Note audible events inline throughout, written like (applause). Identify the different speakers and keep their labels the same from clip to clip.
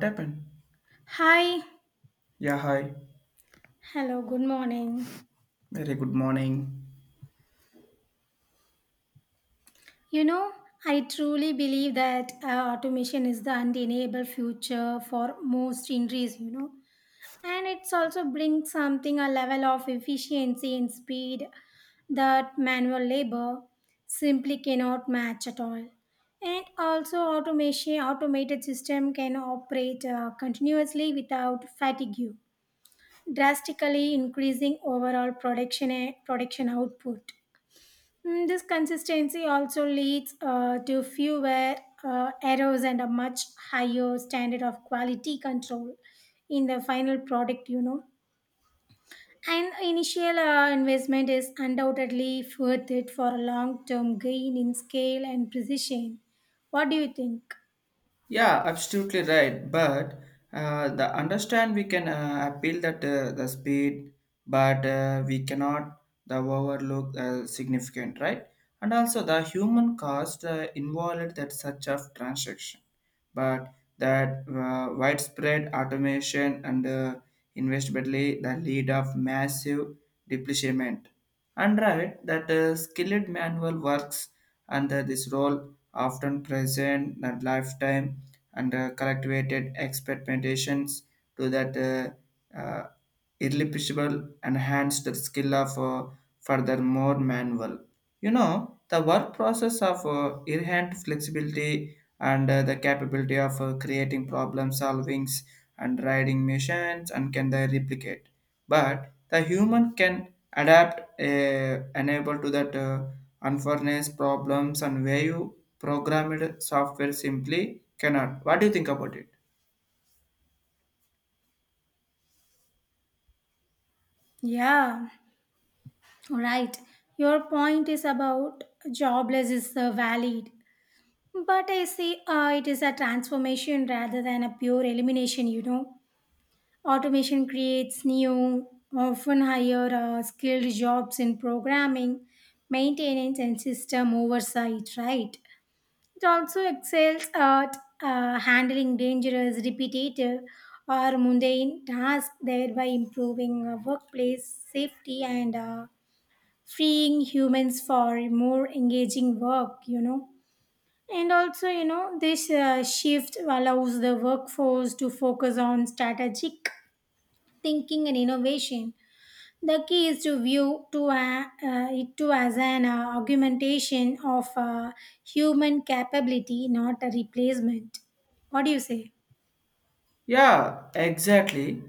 Speaker 1: What happened?
Speaker 2: Hi,
Speaker 1: Yeah, hi.
Speaker 2: hello, good morning.
Speaker 1: Very good morning.
Speaker 2: You know, I truly believe that automation is the undeniable future for most industries, you know, and it's also brings something a level of efficiency and speed that manual labor simply cannot match at all. And also, automation automated system can operate continuously without fatigue, drastically increasing overall production output. This consistency also leads to fewer errors and a much higher standard of quality control in the final product. And initial investment is undoubtedly worth it for a long term gain in scale and precision. What do you think?
Speaker 1: Yeah, absolutely right. But the understand we can appeal that the speed, but we cannot the overlook significant right, and also the human cost involved that such of transaction, but that widespread automation and investmently the lead of massive depletion. And right, that skilled manual works under this role, often present that lifetime and cultivated expectations to that irreplaceable enhanced skill of furthermore manual. You know, the work process of inherent flexibility and the capability of creating problem solvings and riding machines and can they replicate. But the human can adapt, enable to that unfairness problems and where you programmed software simply cannot. What do you think about it?
Speaker 2: Yeah, right. Your point is about jobless is valid. But I see it is a transformation rather than a pure elimination, you know. Automation creates new, often higher skilled jobs in programming, maintenance, and system oversight, right? It also excels at handling dangerous, repetitive, or mundane tasks, thereby improving workplace safety and freeing humans for more engaging work. And also, you know, this shift allows the workforce to focus on strategic thinking and innovation. The key is to view it to as an augmentation of human capability, not a replacement. What do you say?
Speaker 1: Yeah, exactly.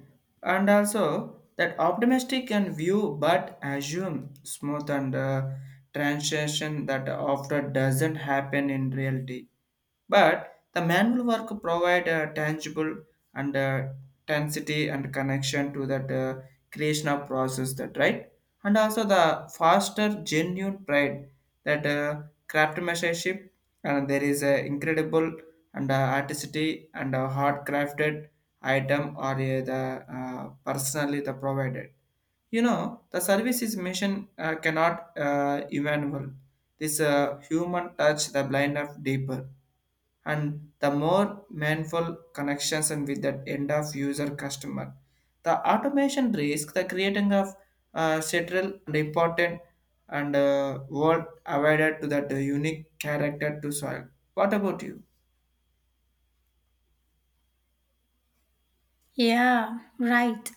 Speaker 1: And also that optimistic can view but assume smooth and transition that often doesn't happen in reality. But the manual work provide a tangible and intensity and connection to that creation of process that right and also the faster genuine pride that craftsmanship and there is a incredible and artistry and a hard crafted item or the personally the provided you know the services mission cannot evaluate this human touch the blind of deeper and the more meaningful connections and with that end of user customer. The automation risk, the creating of central and important and world awarded to that unique character to soil. What about you?
Speaker 2: Yeah, right.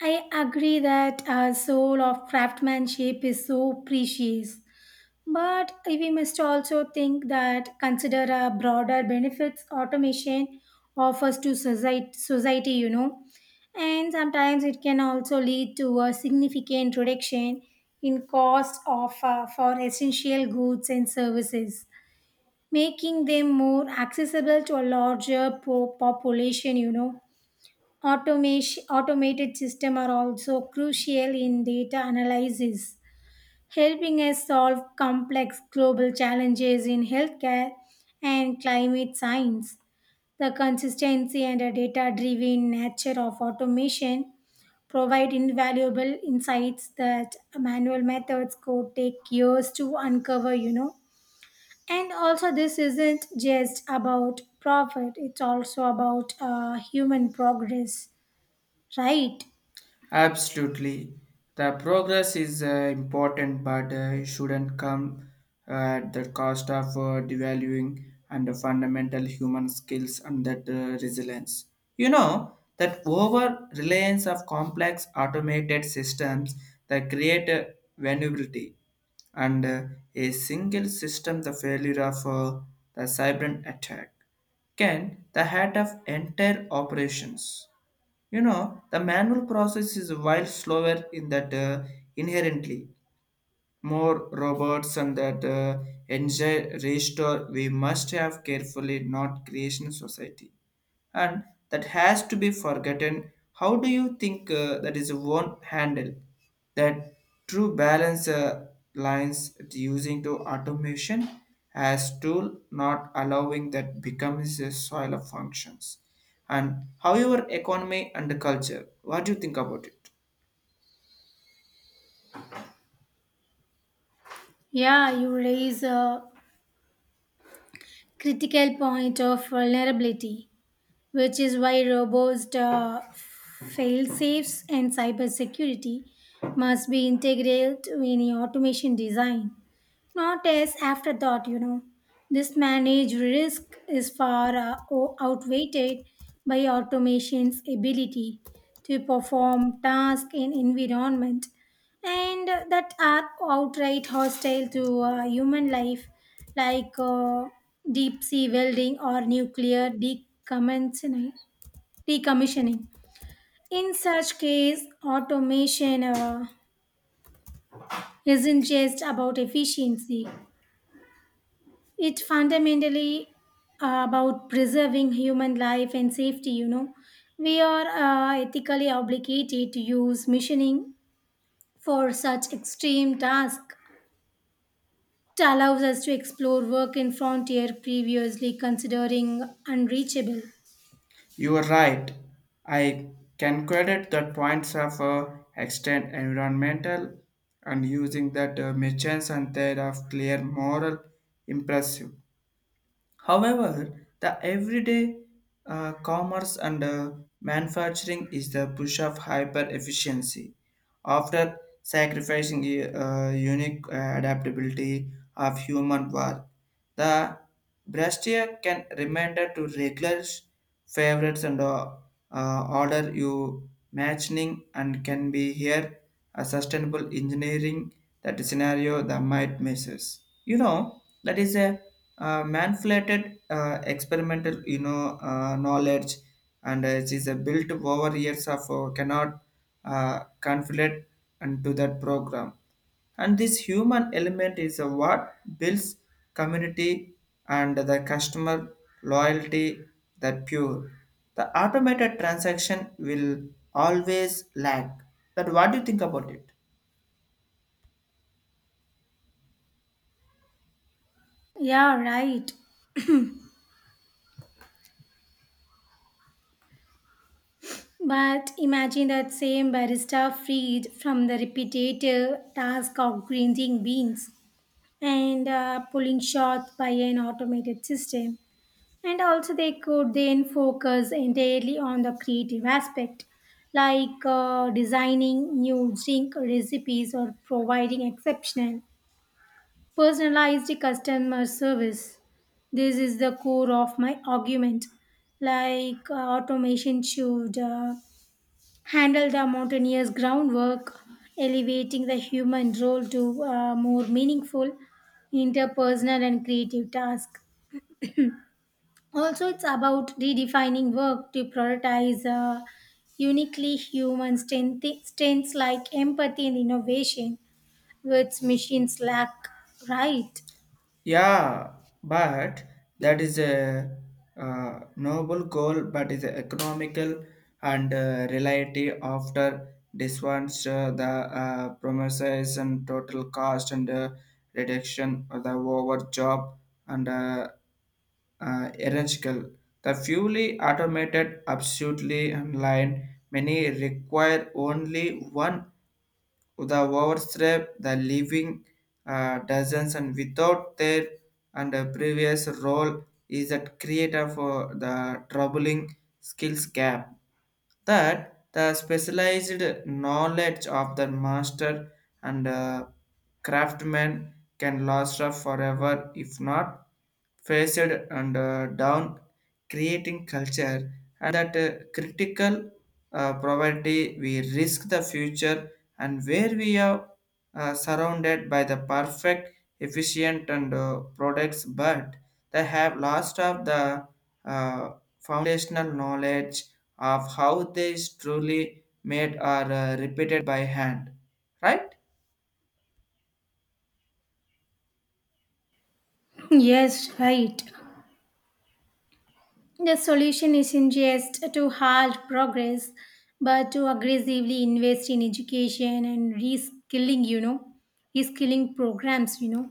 Speaker 2: I agree that a soul of craftsmanship is so precious. But we must also think that consider a broader benefits automation offers to society, and sometimes it can also lead to a significant reduction in cost of for essential goods and services, making them more accessible to a larger population. You know, automation automated system are also crucial in data analysis helping us solve complex global challenges in healthcare and climate science. The consistency and data driven nature of automation provide invaluable insights that manual methods could take years to uncover, you know. And also, this isn't just about profit, it's also about human progress, right?
Speaker 1: Absolutely. The progress is important, but it shouldn't come at the cost of devaluing and the fundamental human skills and that resilience. You know, that over reliance of complex automated systems that create vulnerability and a single system the failure of the cyber attack can the head of entire operations. You know, the manual process is while slower in that inherently more robots and that engine restore we must have carefully not creation society and that has to be forgotten. How do you think that is won't handle that true balance lines using to automation as tool, not allowing that becomes a soil of functions? And how your economy and the culture? What do you think about it?
Speaker 2: Yeah, you raise a critical point of vulnerability, which is why robust fail-safes and cybersecurity must be integral to any automation design. Not as afterthought, you know. This managed risk is far outweighed by automation's ability to perform tasks in environment and that are outright hostile to human life, like deep sea welding or nuclear decommissioning. In such case, automation isn't just about efficiency. It's fundamentally about preserving human life and safety, you know. We are ethically obligated to use machining for such extreme tasks. It allows us to explore work in frontier previously considering unreachable.
Speaker 1: You are right. I can credit the points of extent environmental and using that merchants and their of clear moral impressive. However, the everyday commerce and manufacturing is the push of hyper efficiency. After sacrificing unique adaptability of human work, the brassiere can reminder to regular favorites and order you matching and can be here a sustainable engineering that scenario that might misses. You know that is a manipulated experimental you know knowledge and it is a built over years of cannot conflict into that program and this human element is what builds community and the customer loyalty that pure the automated transaction will always lack. That what do you think about it?
Speaker 2: Yeah, right. But imagine that same barista freed from the repetitive task of grinding beans and pulling shots by an automated system. And also, they could then focus entirely on the creative aspect, like designing new drink recipes or providing exceptional, personalized customer service. This is the core of my argument. Automation should handle the mountainous groundwork, elevating the human role to more meaningful, interpersonal, and creative task. Also, it's about redefining work to prioritize uniquely human strengths like empathy and innovation, which machines lack, right?
Speaker 1: Yeah, but that is a noble goal, but is economical and reality after this one's the promises and total cost and reduction of the over job and hierarchical. The fully automated, absolutely online, many require only one the overstep, the living dozens, and without their and a previous role is that creator for the troubling skills gap. That the specialized knowledge of the master and craftsman can last up forever if not faced and down, creating culture and that critical poverty, we risk the future, and where we are surrounded by the perfect, efficient, and products, but they have lost of the uh, foundational knowledge of how they is truly made or repeated by hand, right?
Speaker 2: (clears throat) Yes, right. The solution isn't just to halt progress, but to aggressively invest in education and reskilling, you know, reskilling programs, you know,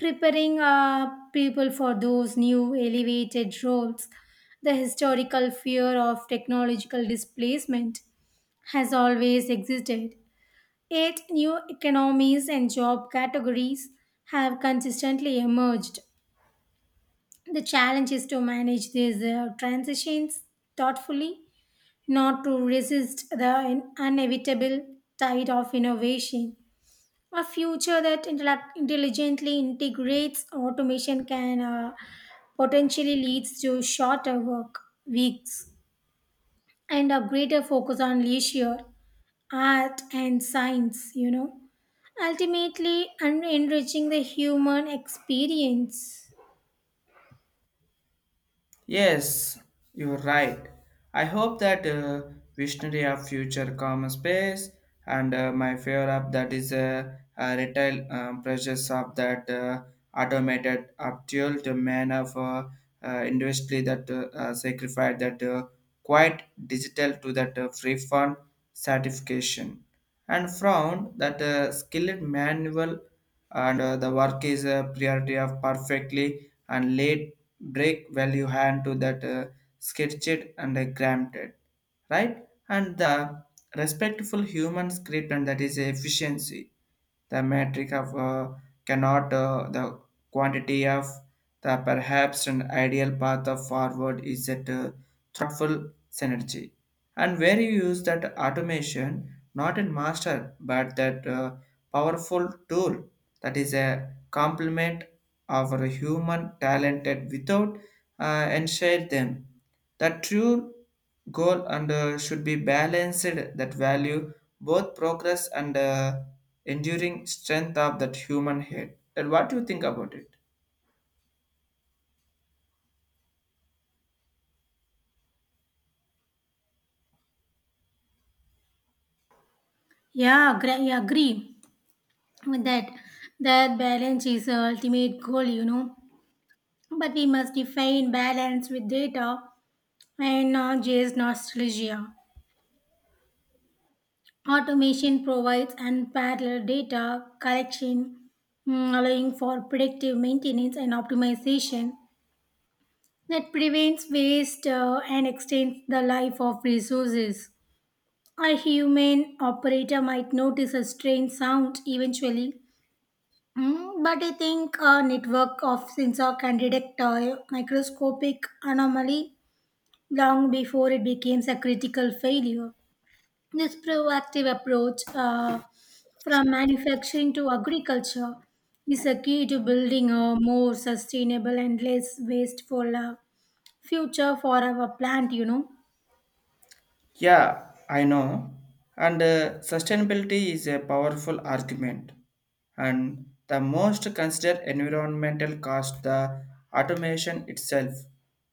Speaker 2: preparing people for those new elevated roles. The historical fear of technological displacement has always existed, yet, new economies and job categories have consistently emerged. The challenge is to manage these transitions thoughtfully, not to resist the inevitable tide of innovation. A future that intelligently integrates automation can potentially leads to shorter work weeks and a greater focus on leisure, art, and science. You know, ultimately, and enriching the human experience.
Speaker 1: Yes, you're right. I hope that visionary of future common space and my fear of that is retail pressures of that automated actual to man of industry that sacrifice that quite digital to that free fund certification and found that skilled manual and the work is a priority of perfectly and late break value hand to that sketched and granted right and the respectful human script and that is efficiency the metric of cannot the quantity of the perhaps an ideal path of forward is that thoughtful synergy and where you use that automation not in master but that powerful tool that is a complement of a human talented without ensure them the true goal and should be balanced that value both progress and enduring strength of that human head. And what do you think about it?
Speaker 2: I agree with that. That balance is the ultimate goal. You know, but we must define balance with data and not just nostalgia. Automation provides unparalleled data collection, allowing for predictive maintenance and optimization that prevents waste and extends the life of resources. A human operator might notice a strange sound eventually, but I think a network of sensors can detect a microscopic anomaly long before it becomes a critical failure. This proactive approach from manufacturing to agriculture is a key to building a more sustainable and less wasteful future for our plant, you know.
Speaker 1: Yeah, I know. And sustainability is a powerful argument. And the most considered environmental cost, the automation itself,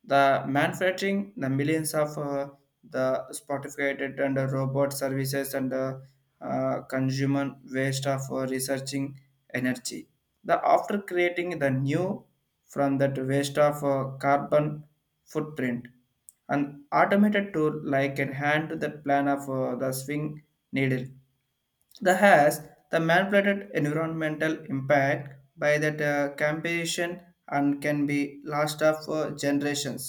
Speaker 1: the manufacturing, the millions of the sophisticated and robot services and consumer waste of researching energy. The after creating the new from that waste of carbon footprint an automated tool like a hand to the plan of the swing needle the has the manipulated environmental impact by that campaign and can be lost of generations.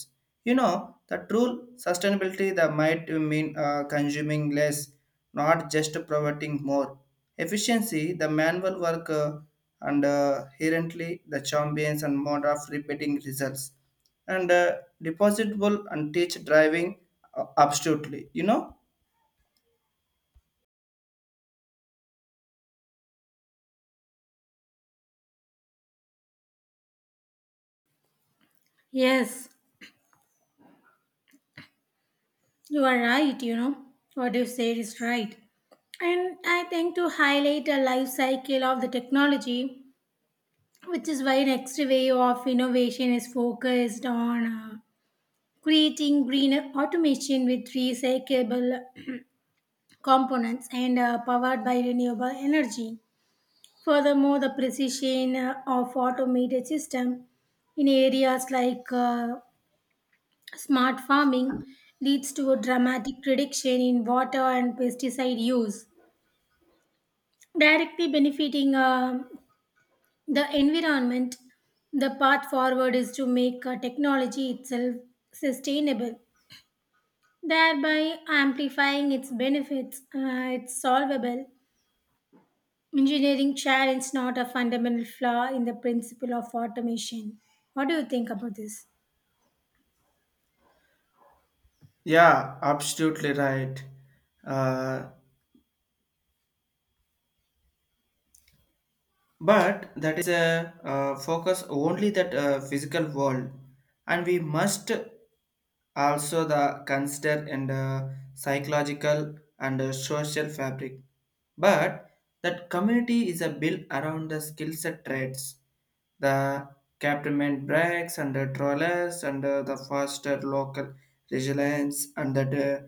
Speaker 1: You know, the true sustainability that might mean consuming less, not just providing more. Efficiency, the manual work and inherently the champions and mode of repeating results and depositable and teach driving absolutely. You know.
Speaker 2: Yes, you are right, you know. What you said is right. And I think to highlight a life cycle of the technology, which is why next wave of innovation is focused on creating green automation with recyclable components and powered by renewable energy. Furthermore, the precision of automated system in areas like smart farming leads to a dramatic reduction in water and pesticide use, directly benefiting the environment. The path forward is to make technology itself sustainable, thereby amplifying its benefits. It's solvable engineering challenge, not a fundamental flaw in the principle of automation. What do you think about this?
Speaker 1: Yeah, absolutely right. Uh, but that is a focus only that physical world, and we must also the consider and psychological and social fabric. But that community is a built around the skill set traits, the captainment breaks and the trawlers and the faster local resilience and that.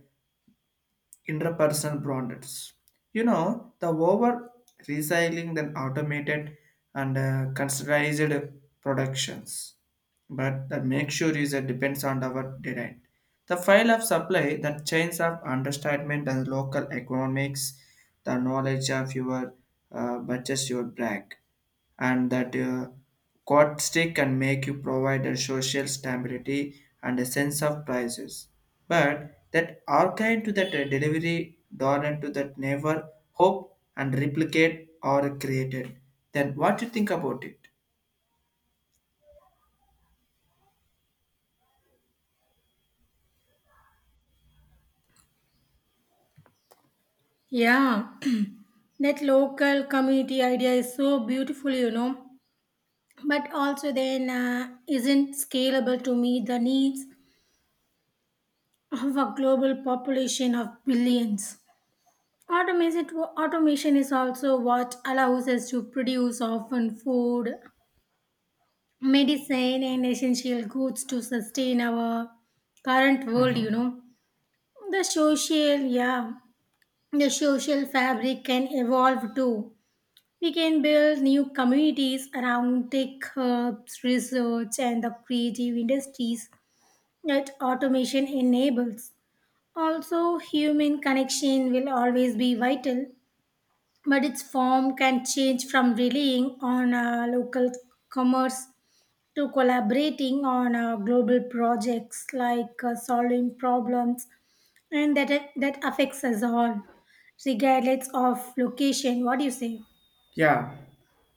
Speaker 1: Interpersonal products. You know, the over recycling than automated and considerized productions. But the make sure is that depends on our design. The file of supply, the chains of understatement and local economics, the knowledge of your budgets, your brag and that quad stick can make you provide a social stability and a sense of prices. But that archive to that delivery dollar to that never hope and replicate or created. Then what do you think about it?
Speaker 2: Yeah, (clears throat) that local community idea is so beautiful, you know, but also then isn't scalable to meet the needs of a global population of billions. Automation, automation is also what allows us to produce often food, medicine, and essential goods to sustain our current world, you
Speaker 1: Mhm.
Speaker 2: know. Yeah, the social fabric can evolve too. We can build new communities around tech hubs, research, and the creative industries that automation enables. Also, human connection will always be vital, but its form can change from relying on local commerce to collaborating on global projects like solving problems and that affects us all regardless of location. What do you say?
Speaker 1: Yeah,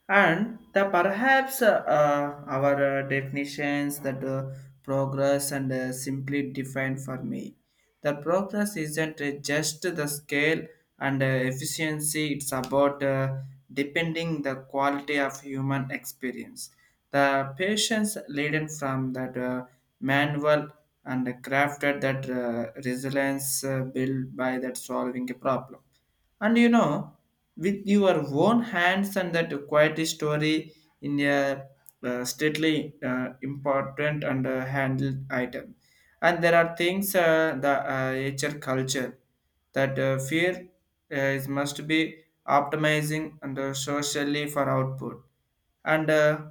Speaker 1: and the perhaps our definitions that progress and simply defined for me. The progress isn't just the scale and efficiency; it's about depending the quality of human experience. The patience leading from that manual and crafted that resilience built by that solving a problem and you know, with your own hands and that quiet story in a stately important and handled item. And there are things the HR culture that fear is must be optimizing and socially for output and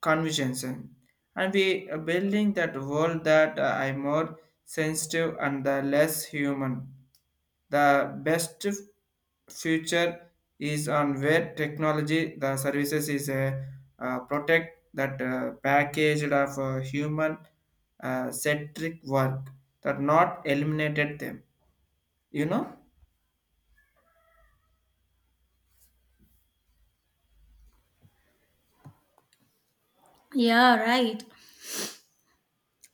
Speaker 1: convictions. And we are building that world that I more sensitive and less human the best future is on where technology, the services is a protect that packaged of human centric work that not eliminated them. You know?
Speaker 2: Yeah, right.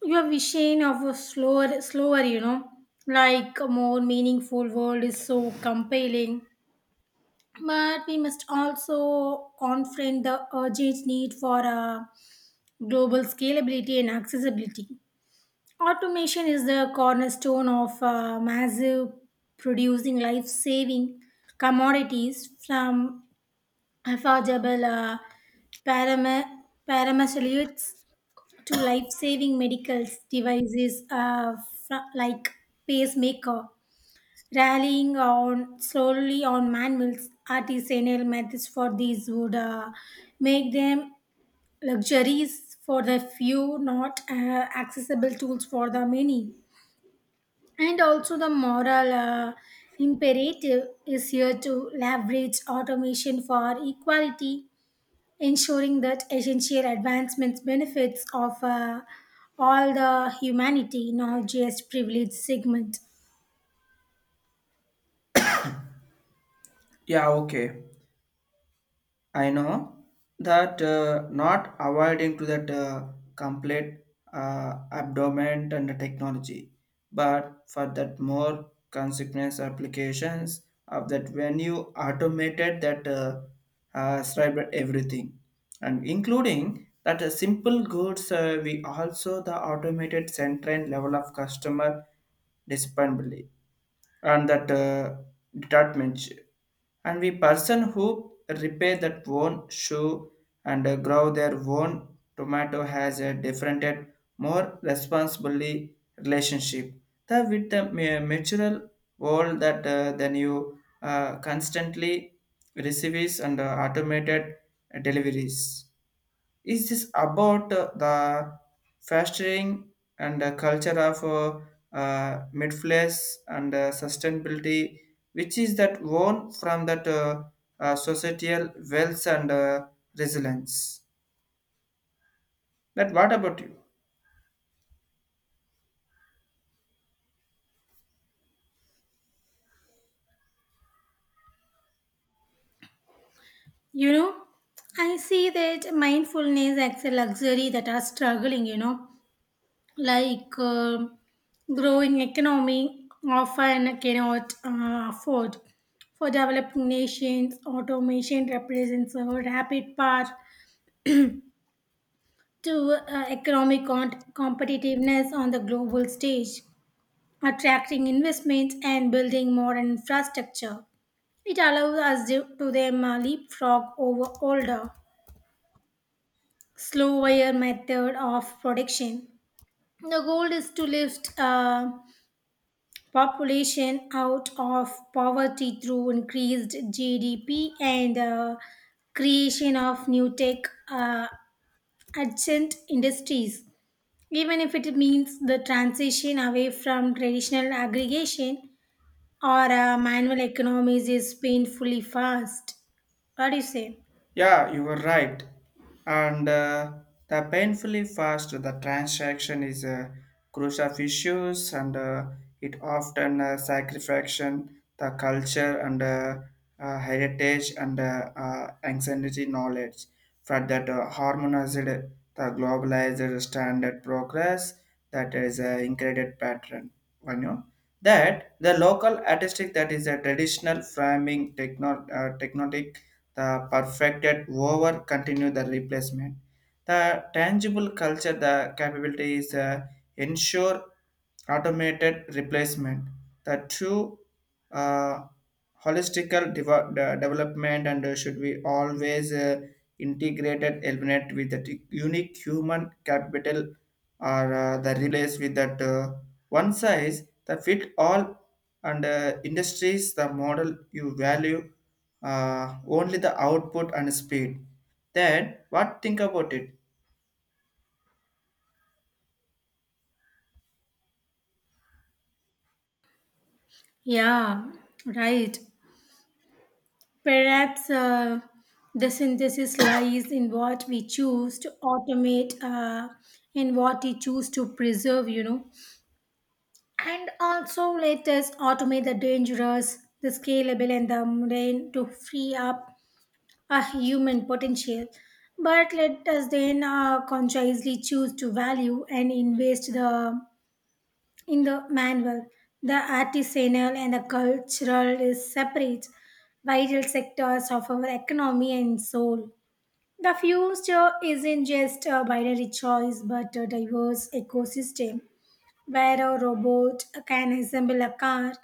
Speaker 2: You are vision of a slower, you know, like a more meaningful world is so compelling, but we must also confront the urgent need for a global scalability and accessibility. Automation is the cornerstone of massive producing life saving commodities from affordable parama- paramesalutes to life-saving medical devices like pacemaker, rallying on slowly on manuals, artisanal methods for these would make them luxuries for the few, not accessible tools for the many. And also the moral imperative is here to leverage automation for equality, ensuring that essential advancements benefits of all the humanity, not just privileged segment.
Speaker 1: Yeah. Okay. I know that not avoiding to that complete abdomen and the technology, but for that more consequence applications of that when you automated that cyber everything and including that simple goods we also the automated central level of customer dispensable and that department and we person who repair that own shoe and grow their own tomato has a different and more responsibly relationship that with the material world that then you constantly receives and automated deliveries is this about the fostering and culture of midflies and sustainability, which is that one from that societal wealth and resilience? That what about you?
Speaker 2: You know, I see that mindfulness as a luxury that are struggling, you know, like growing economy often cannot afford. For developing nations, automation represents a rapid path to economic competitiveness on the global stage, attracting investments and building more infrastructure. It allows us to them leapfrog over older, slower method of production. The goal is to lift population out of poverty through increased GDP and creation of new tech uh, adjacent industries. Even if it means the transition away from traditional aggregation or manual economies is painfully fast. What do you say?
Speaker 1: Yeah, you were right. And the painfully fast the transaction is crucial issues, and it often sacrificing the culture and heritage and ancient knowledge for that harmonized the globalized standard progress that is an incredible pattern. You know that the local artistic that is a traditional framing techno technique the perfected over continue the replacement. The tangible culture, the capability is ensure automated replacement. The true uh, holistical development and should be always integrated element with that unique human capital or the relays with that one size the fit all and industries the model you value only the output and speed. Then what think about it?
Speaker 2: Yeah, right. Perhaps the synthesis lies in what we choose to automate, in what we choose to preserve, you know. And also, let us automate the dangerous, the scalable, and the mundane to free up a human potential. But let us then consciously choose to value and invest the, in the manual, the artisanal and the cultural is separate, vital sectors of our economy and soul. The future isn't just a binary choice but a diverse ecosystem where a robot can assemble a car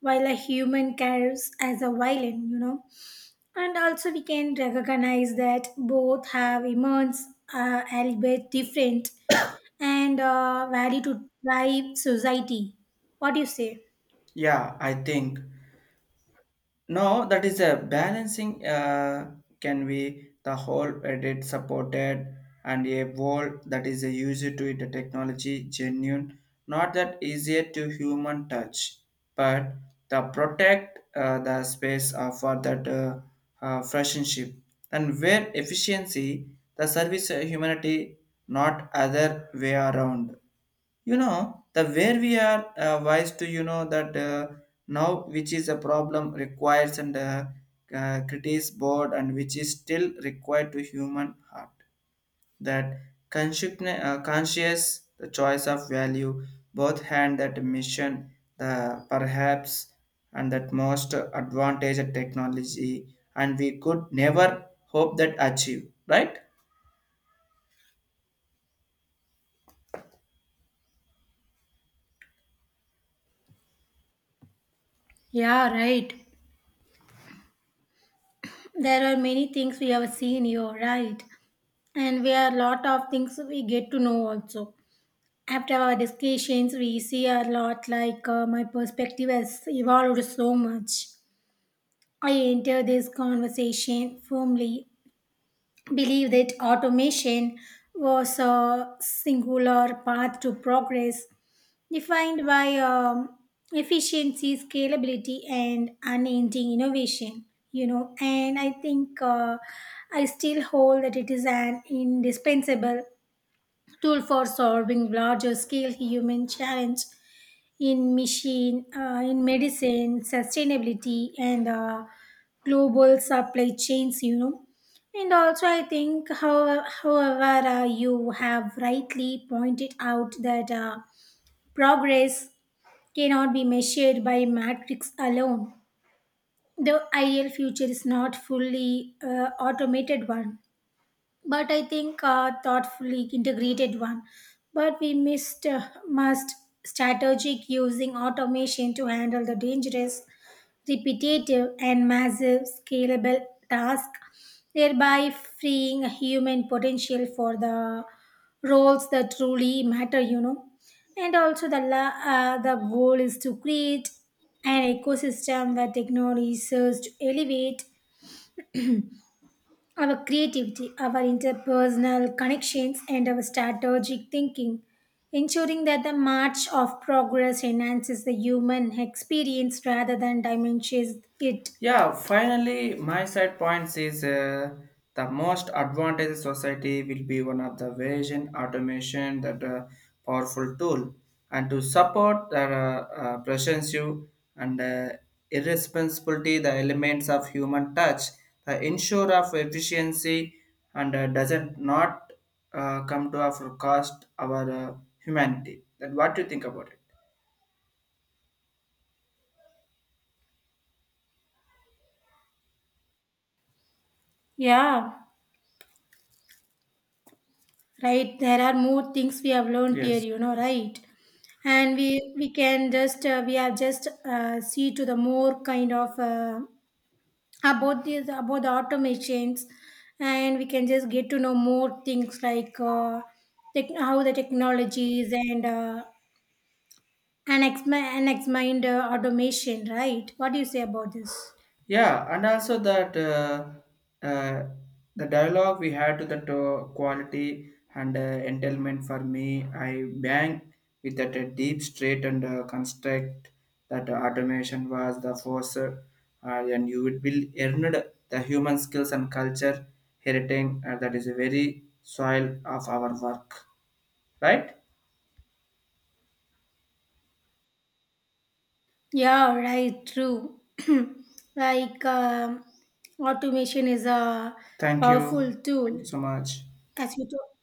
Speaker 2: while a human carries as a violin, you know. And also, we can recognize that both have immense, albeit different, and value to drive society. What do you say?
Speaker 1: Yeah, I think no, that is a balancing can be the whole edit supported and a wall that is a user to it a technology genuine, not that easier to human touch, but the protect the space for that friendship and where efficiency the service humanity not other way around. You know the where we are wise to you know that now which is a problem requires and critics board and which is still required to human heart that conscious the choice of value both hand that mission the perhaps and that most advantage of technology and we could never hope that achieve, right?
Speaker 2: Yeah, right. There are many things we have seen here, right? And we are a lot of things we get to know also. After our discussions, we see a lot like my perspective has evolved so much. I enter this conversation firmly, believe that automation was a singular path to progress defined by efficiency, scalability, and unending innovation. You know, and I think I still hold that it is an indispensable tool for solving larger scale human challenge in in medicine, sustainability, and global supply chains. You know, and also, I think, however, you have rightly pointed out that progress cannot be measured by matrix alone. The ideal future is not fully automated one, but I think thoughtfully integrated one. But we missed must strategic using automation to handle the dangerous, repetitive and massive scalable tasks, thereby freeing human potential for the roles that truly matter, you know. And also, the goal is to create an ecosystem where technology serves to elevate our creativity, our interpersonal connections, and our strategic thinking, ensuring that the march of progress enhances the human experience rather than diminishes it.
Speaker 1: Yeah, finally, my side points is the most advantage society will be one of the vision automation that powerful tool and to support the presency and irresponsibility the elements of human touch the ensure of efficiency and doesn't not come to our cost our humanity. Then what do you think about it?
Speaker 2: Yeah, right. There are more things we have learned here,
Speaker 1: Yes.
Speaker 2: you know, right? And we can just we have just see to the more kind of about the automations, and we can just get to know more things like tech, how the technologies and and ex mind automation, right? What do you say about this?
Speaker 1: Yeah, and also that uh, the dialogue we had to that quality and entailment for me, I bang with that deep straight and construct that automation was the force, and you would build earned the human skills and culture heritage that is a very soil of our work, right?
Speaker 2: Yeah, right, true. (clears throat) like automation is a
Speaker 1: Thank you,
Speaker 2: powerful
Speaker 1: thank you
Speaker 2: tool
Speaker 1: so much.
Speaker 2: as you talk.